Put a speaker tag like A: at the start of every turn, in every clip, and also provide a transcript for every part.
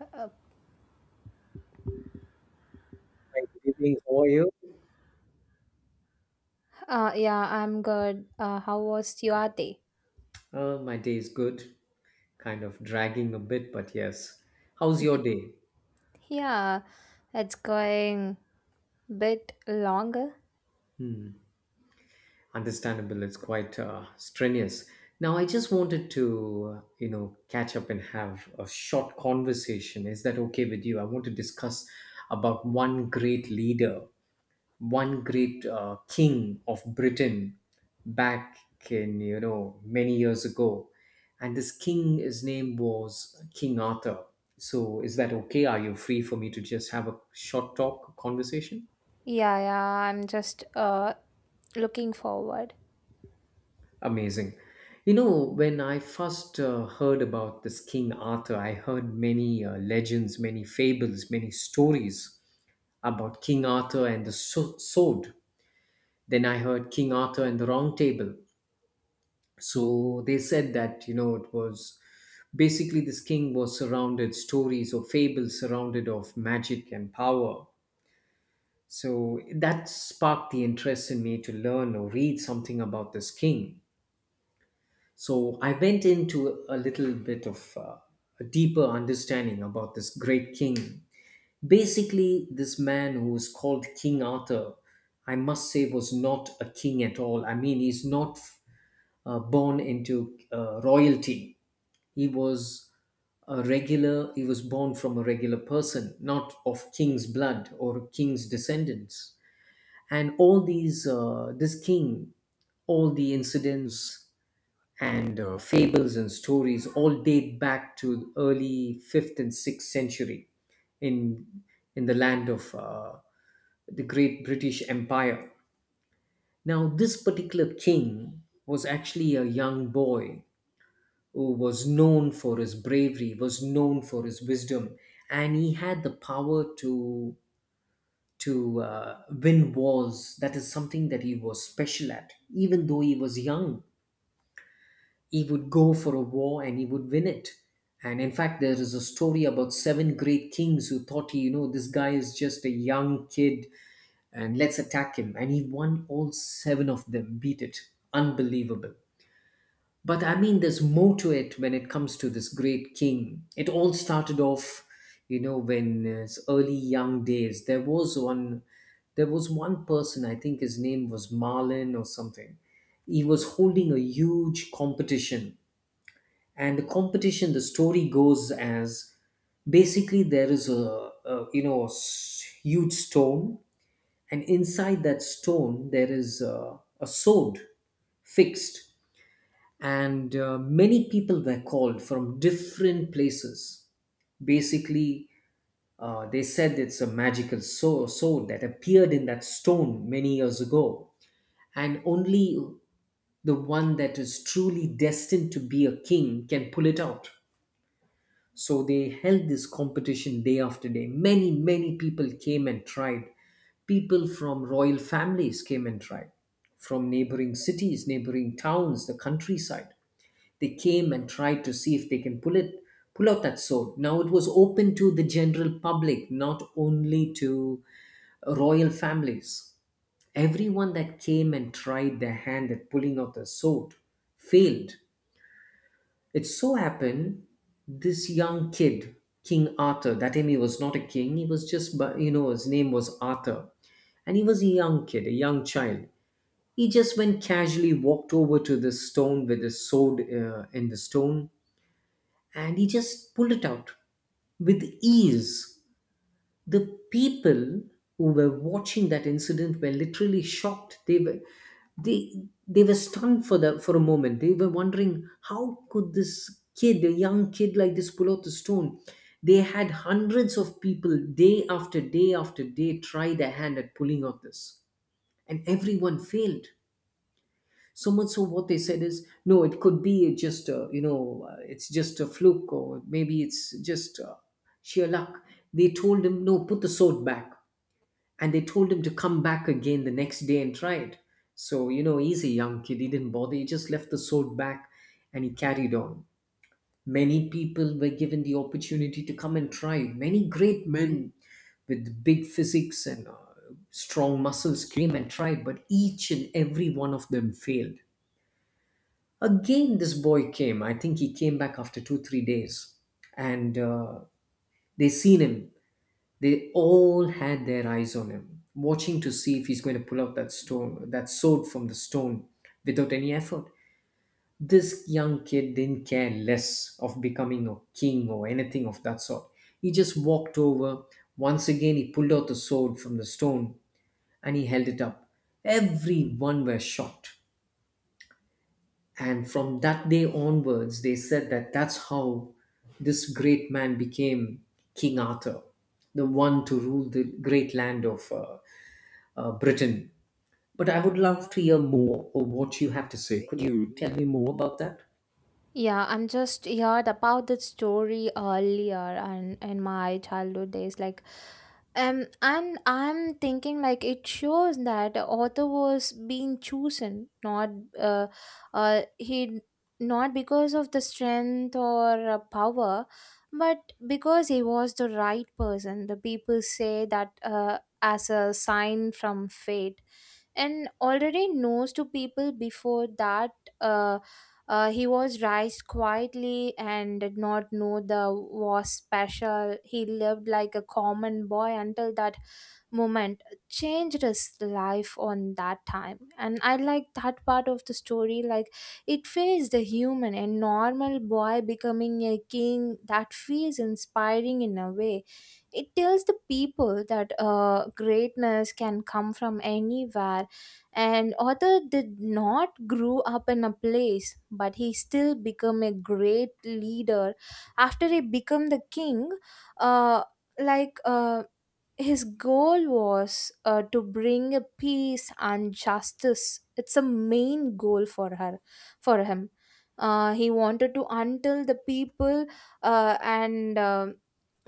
A: Uh,
B: Hi, good evening. How are you?
A: yeah, I'm good. How was your day?
B: My day is good, kind of dragging a bit, but yes. How's your day?
A: Yeah, it's going bit longer.
B: Hmm. Understandable, it's quite strenuous. Now, I just wanted to, catch up and have a short conversation. Is that okay with you? I want to discuss about one great leader one great king of Britain back in many years ago, and this king, his name was King Arthur. So is that okay? Are you free for me to just have a short talk conversation?
A: Yeah, yeah, I'm just looking forward.
B: Amazing. You know, when I first heard about this King Arthur, I heard many legends, many fables, many stories about King Arthur and the sword. Then I heard King Arthur and the Round Table. So they said that it was basically this king was surrounded stories or fables surrounded of magic and power, so that sparked the interest in me to learn or read something about this king. So I went into a little bit of a deeper understanding about this great king. Basically, this man who was called King Arthur, I must say was not a king at all. I mean, he's not born into royalty. He was a regular, he was born from a regular person, not of king's blood or king's descendants. And all these, this king, all the incidents and fables and stories all date back to early 5th and 6th century in the land of the great British Empire. Now, this particular king was actually a young boy who was known for his bravery, was known for his wisdom, and he had the power to to win wars. That is something that he was special at. Even though he was young, he would go for a war and he would win it. And in fact, there is a story about seven great kings who thought, you know, this guy is just a young kid, and let's attack him. And he won all seven of them, beat it. Unbelievable. But I mean, there's more to it when it comes to this great king. It all started off, you know, when his early young days. There was one person. I think his name was Marlin or something. He was holding a huge competition, and the competition. The story goes as basically there is a a huge stone, and inside that stone there is a sword fixed, and many people were called from different places. Basically, they said it's a magical sword that appeared in that stone many years ago, and only the one that is truly destined to be a king can pull it out. So they held this competition day after day. Many, many people came and tried. People from royal families came and tried, from neighboring cities, neighboring towns, the countryside, they came and tried to see if they can pull out that sword. Now it was open to the general public, not only to royal families. Everyone that came and tried their hand at pulling out the sword failed. It so happened this young kid, King Arthur, that time he was not a king, he was just, but you know, his name was Arthur, and he was a young kid, a young child. He just went casually, walked over to the stone with his sword in the stone, and he just pulled it out with ease. The people who were watching that incident were literally shocked. They were, they they were stunned for a moment. They were wondering how could this kid, a young kid like this, pull out the stone. They had hundreds of people day after day after day try their hand at pulling out this, and everyone failed. So much so what they said is no, it could be just a, you know, it's just a fluke, or maybe it's just sheer luck. They told him no, put the sword back, and they told him to come back again the next day and try it. So you know, he's a young kid, he didn't bother, he just left the sword back, and he carried on. Many people were given the opportunity to come and try. Many great men with big physics and strong muscles came and tried, but each and every one of them failed. Again, this boy came. I think he came back after two, three days. And they seen him. They all had their eyes on him, watching to see if he's going to pull out that stone, that sword from the stone without any effort. This young kid didn't care less of becoming a king or anything of that sort. He just walked over. Once again, he pulled out the sword from the stone and he held it up. Everyone were shocked. And from that day onwards, they said that that's how this great man became King Arthur, the one to rule the great land of Britain. But I would love to hear more of what you have to say. Could you tell me more about that?
A: Yeah, I'm just heard about that story earlier and in my childhood days, like and I'm thinking like it shows that the author was being chosen, not uh, he not because of the strength or power, but because he was the right person. The people say that as a sign from fate and already knows to people before that uh, he was raised quietly and did not know the was special. He lived like a common boy until that moment changed his life on that time. And I like that part of the story, like it feels the human and normal boy becoming a king. That feels inspiring in a way. It tells the people that greatness can come from anywhere, and author did not grow up in a place but he still became a great leader. After he became the king, uh, like uh, his goal was to bring a peace and justice. It's a main goal for her, for him. He wanted to until the people and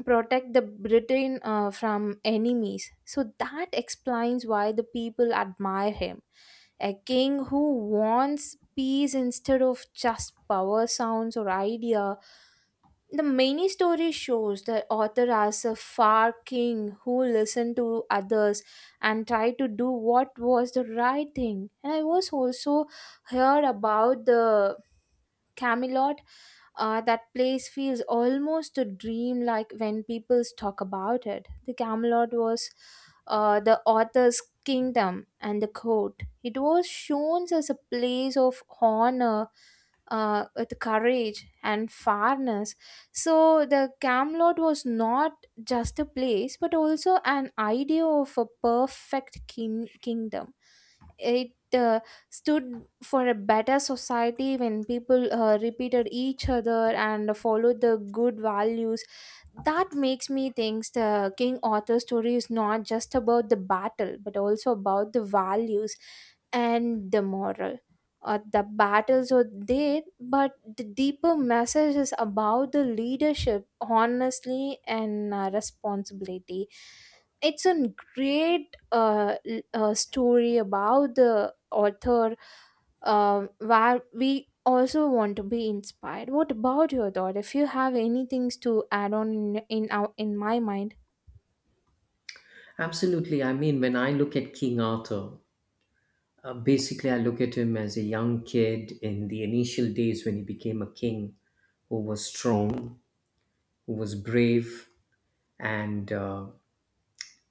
A: protect the Britain from enemies. So that explains why the people admire him. A king who wants peace instead of just power sounds or idea. The many story shows the author as a far king who listened to others and tried to do what was the right thing. And I was also heard about the Camelot. That place feels almost a dream like when people talk about it. The Camelot was the author's kingdom and the court. It was shown as a place of honor, with courage, and fairness. So the Camelot was not just a place but also an idea of a perfect king- kingdom. It stood for a better society when people repeated each other and followed the good values. That makes me think the King Arthur story is not just about the battle but also about the values and the moral. The battles are there but the deeper message is about the leadership honestly and responsibility. It's a great a, a story about the author where we also want to be inspired. What about your thought? If you have any things to add on in my mind.
B: Absolutely. I mean, when I look at King Arthur, basically I look at him as a young kid in the initial days when he became a king who was strong, who was brave, and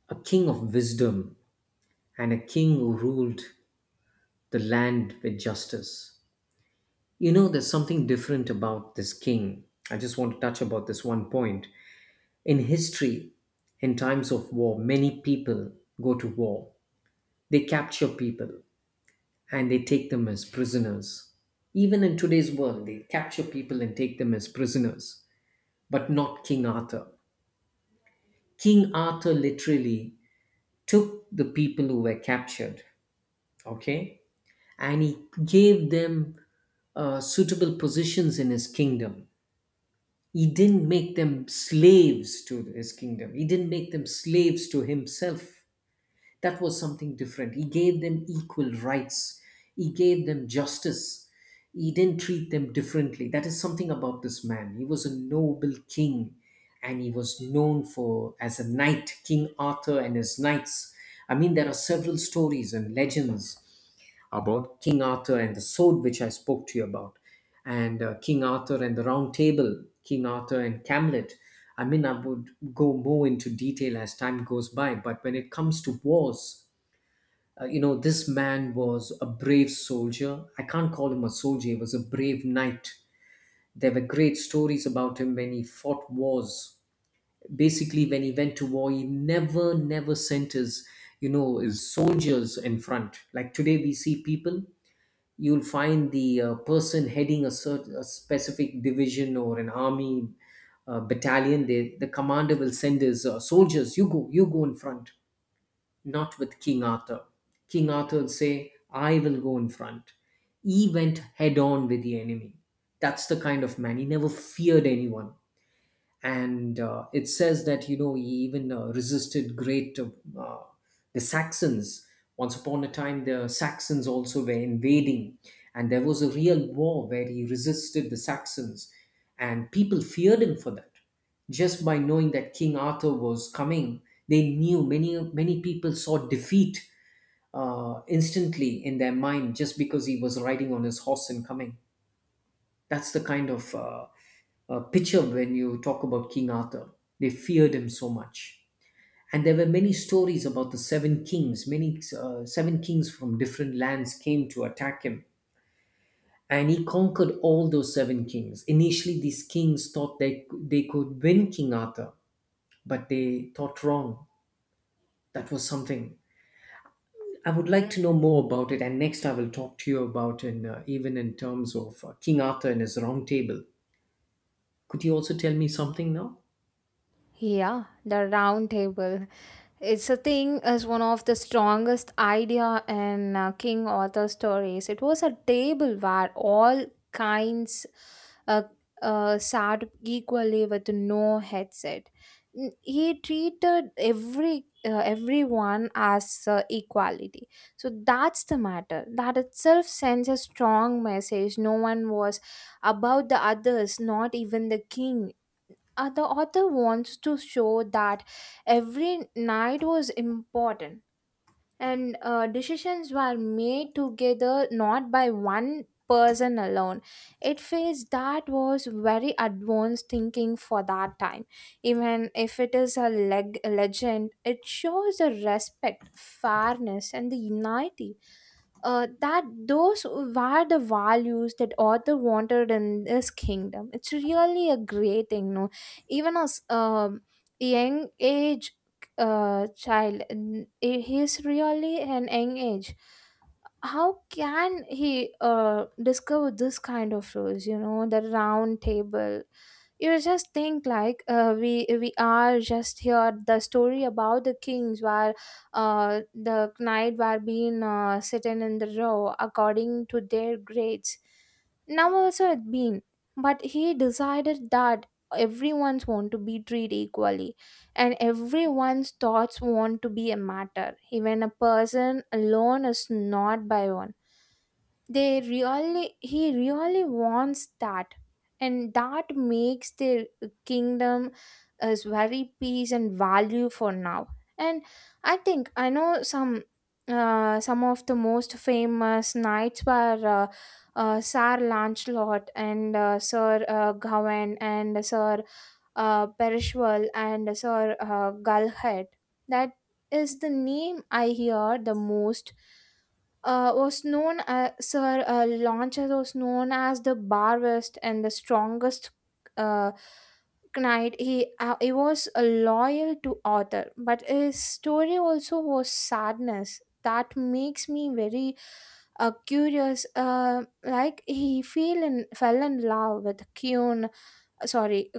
B: a king of wisdom and a king who ruled the land with justice. You know, there's something different about this king. I just want to touch about this one point. In history, in times of war, many people go to war. They capture people and they take them as prisoners. Even in today's world, they capture people and take them as prisoners, but not King Arthur. King Arthur literally took the people who were captured, okay, and he gave them suitable positions in his kingdom. He didn't make them slaves to his kingdom, he didn't make them slaves to himself. That was something different. He gave them equal rights, he gave them justice. He didn't treat them differently. That is something about this man. He was a noble king and he was known for as a knight, King Arthur and his knights. I mean, there are several stories and legends about King Arthur and the sword, which I spoke to you about, and King Arthur and the Round Table, King Arthur and Camlet. I mean, I would go more into detail as time goes by, but when it comes to wars, you know, this man was a brave soldier. I can't call him a soldier, he was a brave knight. There were great stories about him when he fought wars. Basically, when he went to war, he never, never sent his, you know, his soldiers in front. Like today, we see people, you'll find the person heading a specific division or an army battalion. The commander will send his soldiers, you go, you go in front. Not with King Arthur. King Arthur will say, I will go in front. He went head on with the enemy. That's the kind of man, he never feared anyone. And it says that you know he even resisted great uh, the Saxons. Once upon a time, the Saxons also were invading, and there was a real war where he resisted the Saxons, and people feared him for that. Just by knowing that King Arthur was coming, they knew, many many people saw defeat instantly in their mind, just because he was riding on his horse and coming. That's the kind of picture when you talk about King Arthur. They feared him so much. And there were many stories about the seven kings. Many seven kings from different lands came to attack him. And he conquered all those seven kings. Initially, these kings thought they could win King Arthur, but they thought wrong. That was something. I would like to know more about it, and next I will talk to you about in even in terms of King Arthur and his Round Table. Could you also tell me something now?
A: Yeah, the round table. It's a thing as one of the strongest idea in King Arthur stories. It was a table where all kinds uh, sat equally with no headset. He treated every everyone as equality. So that's the matter. That itself sends a strong message. No one was above the others, not even the king. The author wants to show that every night was important and decisions were made together, not by one person alone. It feels that was very advanced thinking for that time. Even if it is a legend, it shows the respect, fairness and the unity. That those were the values that Arthur wanted in this kingdom. It's really a great thing, no? Even as young age child, he's really an young age. How can he discover this kind of rules, you know, the round table? You just think like we are just here. The story about the kings where the knight were being sitting in the row according to their grades now also it been, but he decided that everyone's want to be treated equally and everyone's thoughts want to be a matter, even a person alone is not by one. They really he really wants that, and that makes their kingdom as very peace and value for now. And I think I know some of the most famous knights were Sir Lancelot and Sir Gawain and Sir Perishwal and Sir Galhat. That is the name I hear the most. Was known as Sir Launchas was known as the bravest and the strongest uh, knight. He was loyal to Arthur, but his story also was sadness. That makes me very curious. Like he fell in fell in love with Kyun, sorry,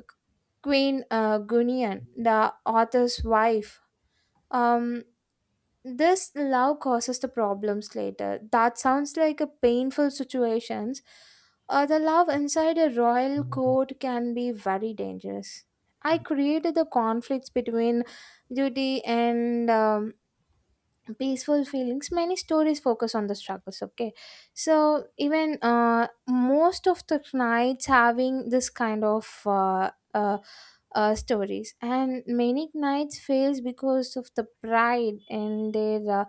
A: Queen Gunian, the author's wife. Um, this love causes the problems later. That sounds like a painful situations. The love inside a royal court can be very dangerous. I created the conflicts between duty and peaceful feelings. Many stories focus on the struggles. Okay, so even most of the knights having this kind of stories, and many knights fails because of the pride and their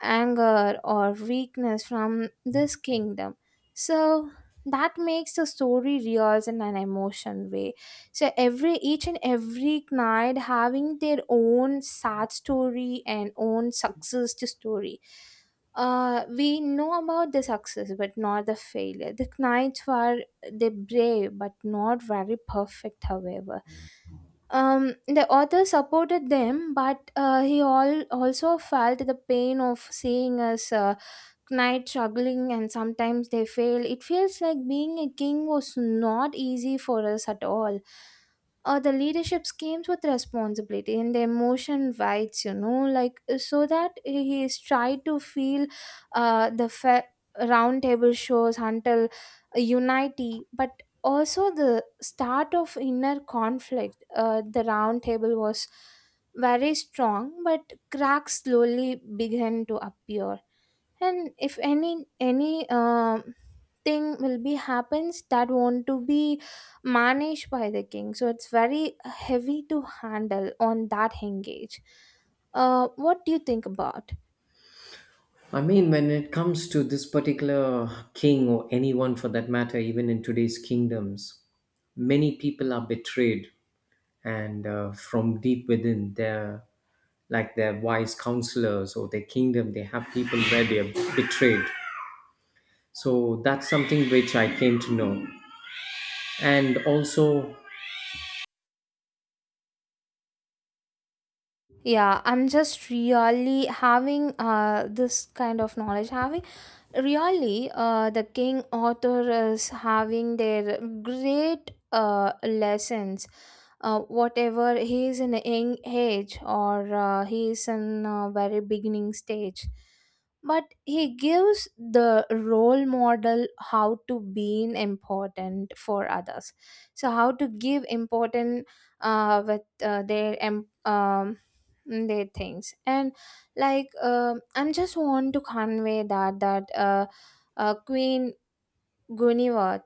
A: anger or weakness from this kingdom. So that makes the story real in an emotion way. So every each and every knight having their own sad story and own success story. We know about the success but not the failure. The knights were they brave but not very perfect. However, the author supported them, but he all also felt the pain of seeing us night struggling, and sometimes they fail. It feels like being a king was not easy for us at all. The leadership comes with responsibility and the emotion rights, you know, like so that he is tried to feel uh, the fa- round table shows until unity, but also the start of inner conflict. The round table was very strong, but cracks slowly began to appear. And if any thing will be happens that want to be managed by the king, so it's very heavy to handle on that engage. Uh, what do you think about?
B: I mean, when it comes to this particular king or anyone for that matter, even in today's kingdoms, many people are betrayed, and from deep within their, like their wise counselors or their kingdom, they have people where they are betrayed. So that's something which I came to know. And also,
A: Yeah, I'm just really having this kind of knowledge having really the king author is having their great lessons. Whatever he is in a young age or he is in a very beginning stage, but he gives the role model how to be important for others. So how to give important uh, with uh, their em- um, their things and like I'm just want to convey that that queen Guniwat,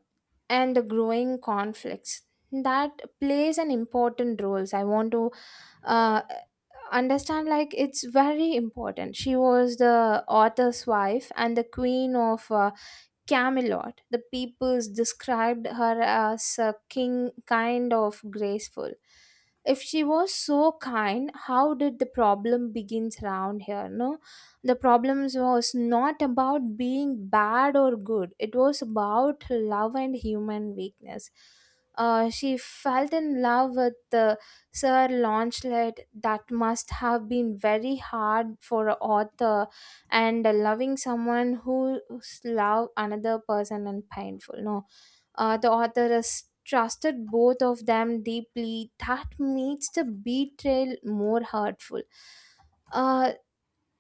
A: and the growing conflicts. That plays an important role. I want to uh, understand like it's very important. She was the author's wife and the queen of Camelot. The peoples described her as a king kind of graceful. If she was so kind, how did the problem begins around here? No, the problems was not about being bad or good. It was about love and human weakness. She felt in love with the Sir Launcelot. That must have been very hard for an author, and loving someone who's love another person and painful, no? The author has trusted both of them deeply. That makes the betrayal more hurtful. uh,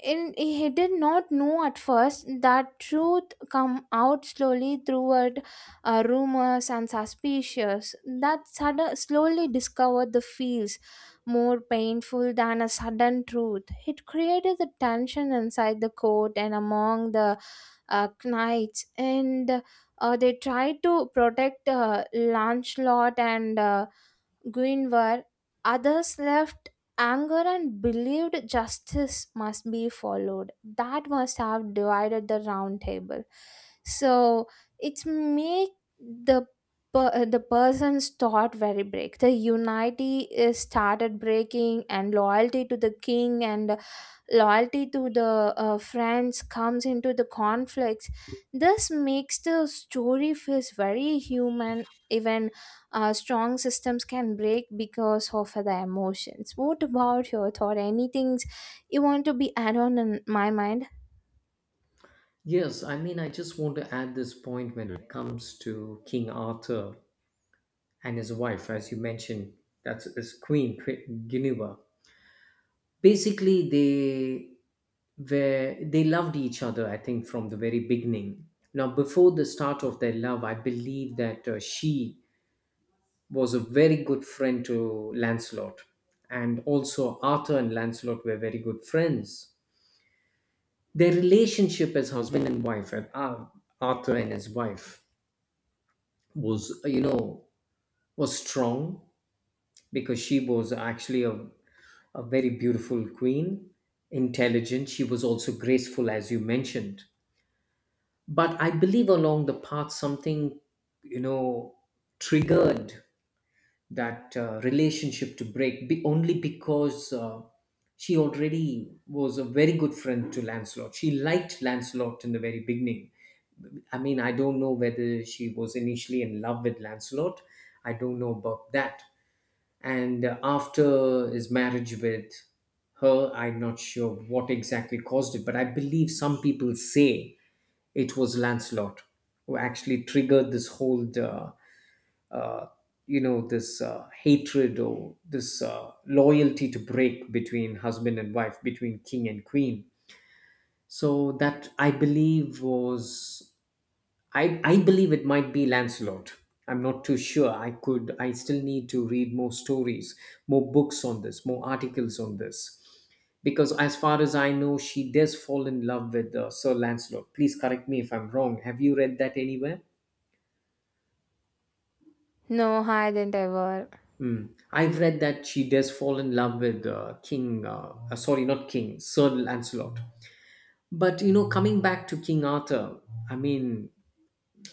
A: and he did not know at first. That truth come out slowly throughout rumors and suspicions. That sudden, slowly discovered the feels more painful than a sudden truth. It created the tension inside the court and among the knights, and they tried to protect Lancelot and Guinevere. Others left anger and believed justice must be followed. That must have divided the round table. So it's make the the person's thought very break. The unity is started breaking, and loyalty to the king and loyalty to the friends comes into the conflicts. This makes the story feels very human, even strong systems can break because of the emotions. What about your thought? Anything you want to be add on in my mind?
B: yes, I mean, I just want to add this point when it comes to King Arthur and his wife, as you mentioned, that's his queen, Queen Guinevere. Basically, they were they loved each other, I think, from the very beginning. Now, before the start of their love, I believe that she was a very good friend to Lancelot, and also Arthur and Lancelot were very good friends. Their relationship as husband and wife, Arthur and his wife, was, was strong, because she was actually a very beautiful queen, intelligent. She was also graceful, as you mentioned. But I believe along the path, something, you know, triggered that relationship to break only because she already was a very good friend to Lancelot. She liked Lancelot in the very beginning. I mean, I don't know whether she was initially in love with Lancelot. I don't know about that. And after his marriage with her, I'm not sure what exactly caused it, but I believe some people say it was Lancelot who actually triggered this whole uh, you know this hatred, or this loyalty to break between husband and wife, between king and queen. So that, I believe, was I believe it might be Lancelot. I'm not too sure. I still need to read more stories, more books on this, more articles on this. Because as far as I know, she does fall in love with Sir Lancelot. Please correct me if I'm wrong. Have you read that anywhere?
A: No, I didn't ever.
B: Hmm. I've read that she does fall in love with sorry, not King, Sir Lancelot. But you know, coming back to King Arthur, I mean,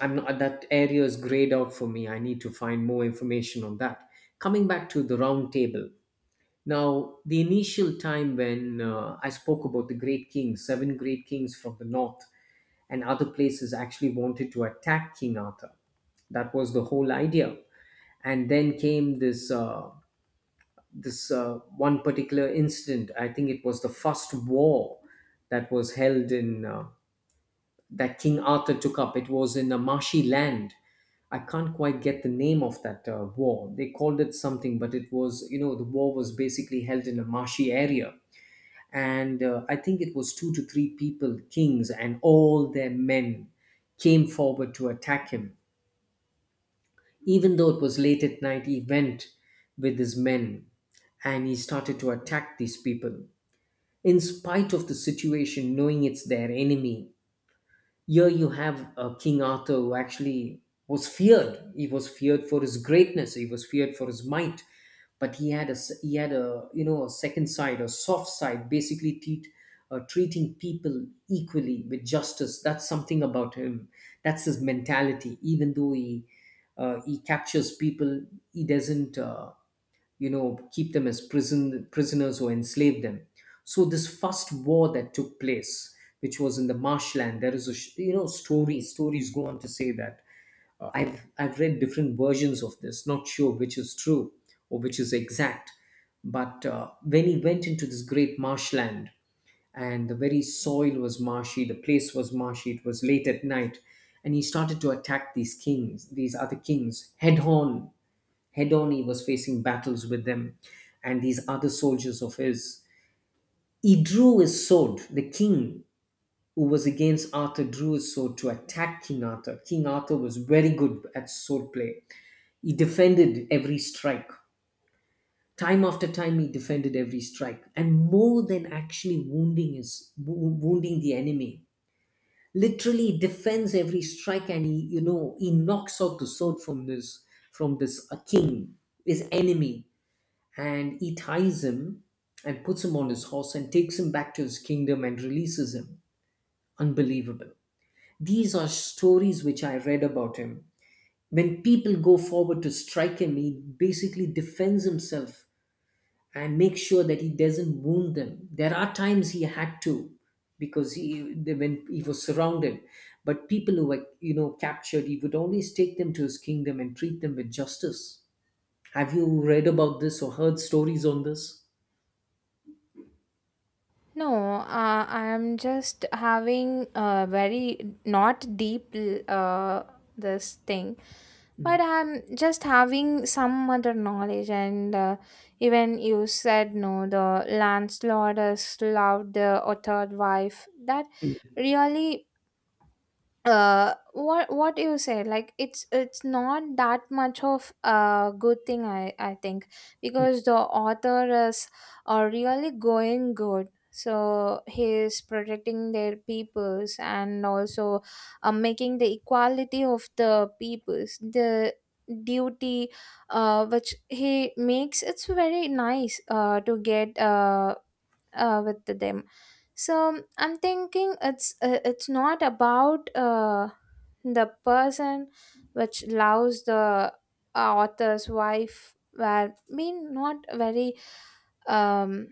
B: I'm not, that area is grayed out for me. I need to find more information on that. Coming back to the round table. Now, the initial time when I spoke about the great kings, 7 great kings from the north and other places actually wanted to attack King Arthur. That was the whole idea. And then came this this one particular incident. I think it was the first war that was held in that King Arthur took up. It was in a marshy land. I can't quite get the name of that war. They called it something, but it was, you know, the war was basically held in a marshy area. And I think it was 2 to 3 people, kings, and all their men came forward to attack him. Even though it was late at night, he went with his men and he started to attack these people. In spite of the situation, knowing it's their enemy, here you have King Arthur, who actually was feared. He was feared for his greatness. He was feared for his might. But he had he had, a you know, a second side, a soft side, basically treating people equally with justice. That's something about him. That's his mentality. Even though he captures people, he doesn't. You know, keep them as prisoners or enslave them. So this first war that took place, which was in the marshland, there is a you know, story. Stories go on to say that I've read different versions of this, not sure which is true or which is exact. But when he went into this great marshland, and the very soil was marshy, the place was marshy, it was late at night, and he started to attack these kings, these other kings, head on. Hedoni was facing battles with them and these other soldiers of his. He drew his sword. The king who was against Arthur drew his sword to attack King Arthur. King Arthur was very good at sword play. He defended every strike. Time after time, he defended every strike, and more than actually wounding the enemy, literally defends every strike, and he, you know, he knocks out the sword from this king, his enemy, and he ties him and puts him on his horse and takes him back to his kingdom and releases him. Unbelievable. These are stories which I read about him. When people go forward to strike him, he basically defends himself and makes sure that he doesn't wound them. There are times he had to, because when he was surrounded, but people who were, you know, captured, he would always take them to his kingdom and treat them with justice. Have you read about this or heard stories on this?
A: No, I'm just having a very not deep uh, this thing,
B: Mm.
A: but I'm just having some other knowledge. And even you said no, the landlord has loved the third wife. That really what you say like it's not that much of a good thing. I think
B: Mm.
A: because the author is really going good, so he is protecting their peoples and also making the equality of the peoples the duty which he makes. It's very nice to get with them. So I'm thinking it's not about the person which loves the author's wife were mean not very um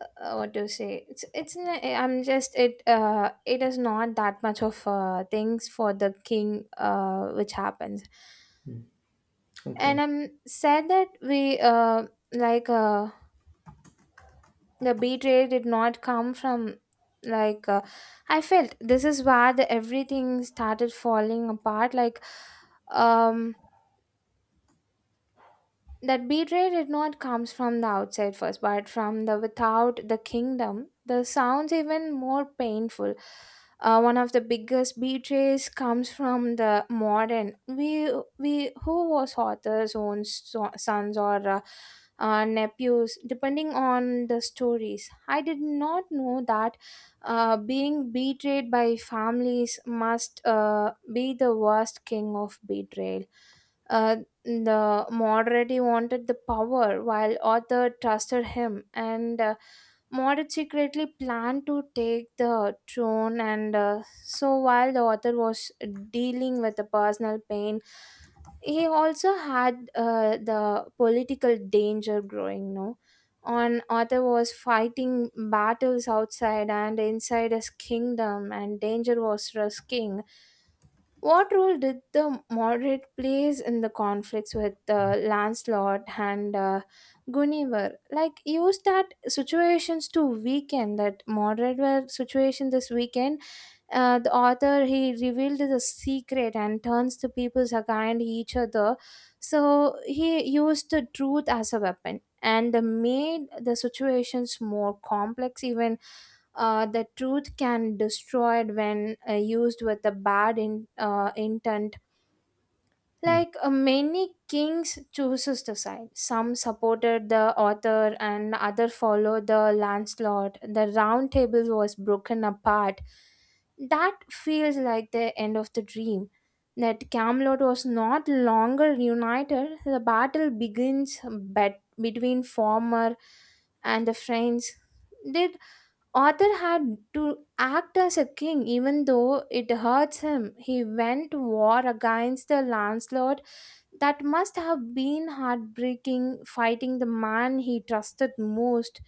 A: what do you say. It's I'm just it is not that much of things for the king which happens. And
B: Okay.
A: I'm sad that we like the betrayal did not come from like I felt this is where the everything started falling apart, like um that betrayal did not comes from the outside first but from the without the kingdom. The sounds even more painful. One of the biggest betrays comes from the modern we who was author's own sons or nephews depending on the stories. I did not know that being betrayed by families must be the worst king of betrayal. Uh, the Moriarty wanted the power while Arthur trusted him, and Moriarty secretly planned to take the throne. And so, while the author was dealing with the personal pain, he also had the political danger growing. No, on Arthur was fighting battles outside and inside his kingdom, and danger was risking. What role did the moderate plays in the conflicts with Lancelot and Guinevere? Like, use that situations to weaken that moderate were situation this weekend. The author he revealed the secret and turns the peoples against each other. So he used the truth as a weapon and made the situations more complex. Even the truth can destroy it when used with a bad intent.
B: Mm.
A: Like many kings chooses to side. Some supported the author and other followed the landslord. The round table was broken apart. That feels like the end of the dream. That Camelot was not longer united. The battle begins between former and the friends. They Arthur had to act as a king even though it hurts him. He went to war against the landlord. That must have been heartbreaking, fighting the man he trusted most.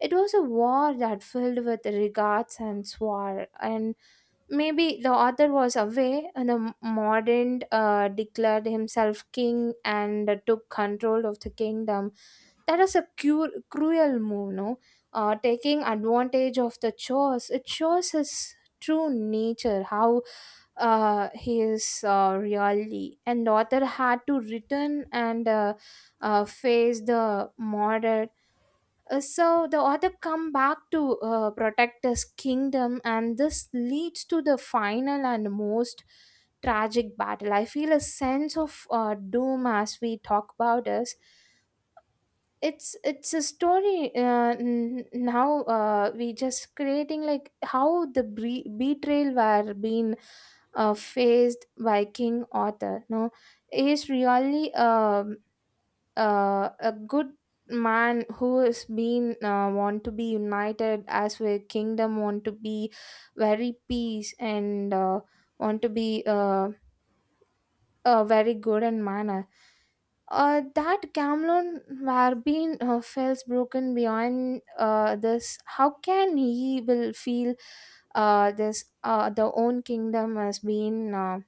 A: It was a war that filled with regards and swore, and maybe the author was away, and the modern declared himself king and took control of the kingdom. That is a cruel move, no? Uh, taking advantage of the chores. It shows his true nature, how he is really. And daughter had to return and face the murder. So the author come back to protect his kingdom, and this leads to the final and most tragic battle. I feel a sense of doom as we talk about this. It's a story now we just creating like how the betrayal were being faced by King Arthur, no? He is really a good man who is been want to be united as a kingdom, want to be very peace and want to be very good and manner. That Camlon were being feels broken beyond this. How can he will feel this the own kingdom has been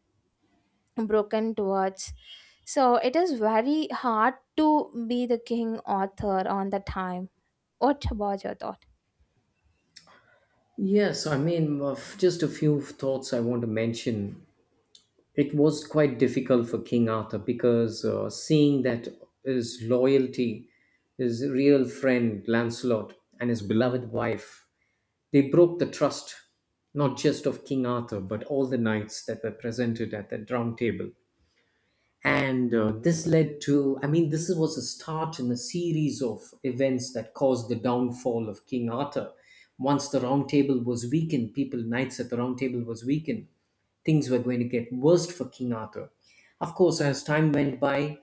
A: broken towards? So it is very hard to be the king author on the time. What about your thought?
B: Yes, I mean, of just a few thoughts I want to mention. It was quite difficult for King Arthur because seeing that his loyalty, his real friend Lancelot, and his beloved wife, they broke the trust, not just of King Arthur, but all the knights that were presented at the round table. And this led to, I mean, this was a start in a series of events that caused the downfall of King Arthur. Once the round table was weakened, people, knights at the round table was weakened, things were going to get worse for King Arthur. Of course, as time went by,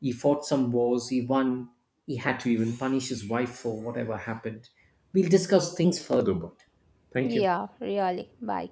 B: he fought some wars, he won, he had to even punish his wife for whatever happened. We'll discuss things further, but thank you.
A: Yeah, really. Bye.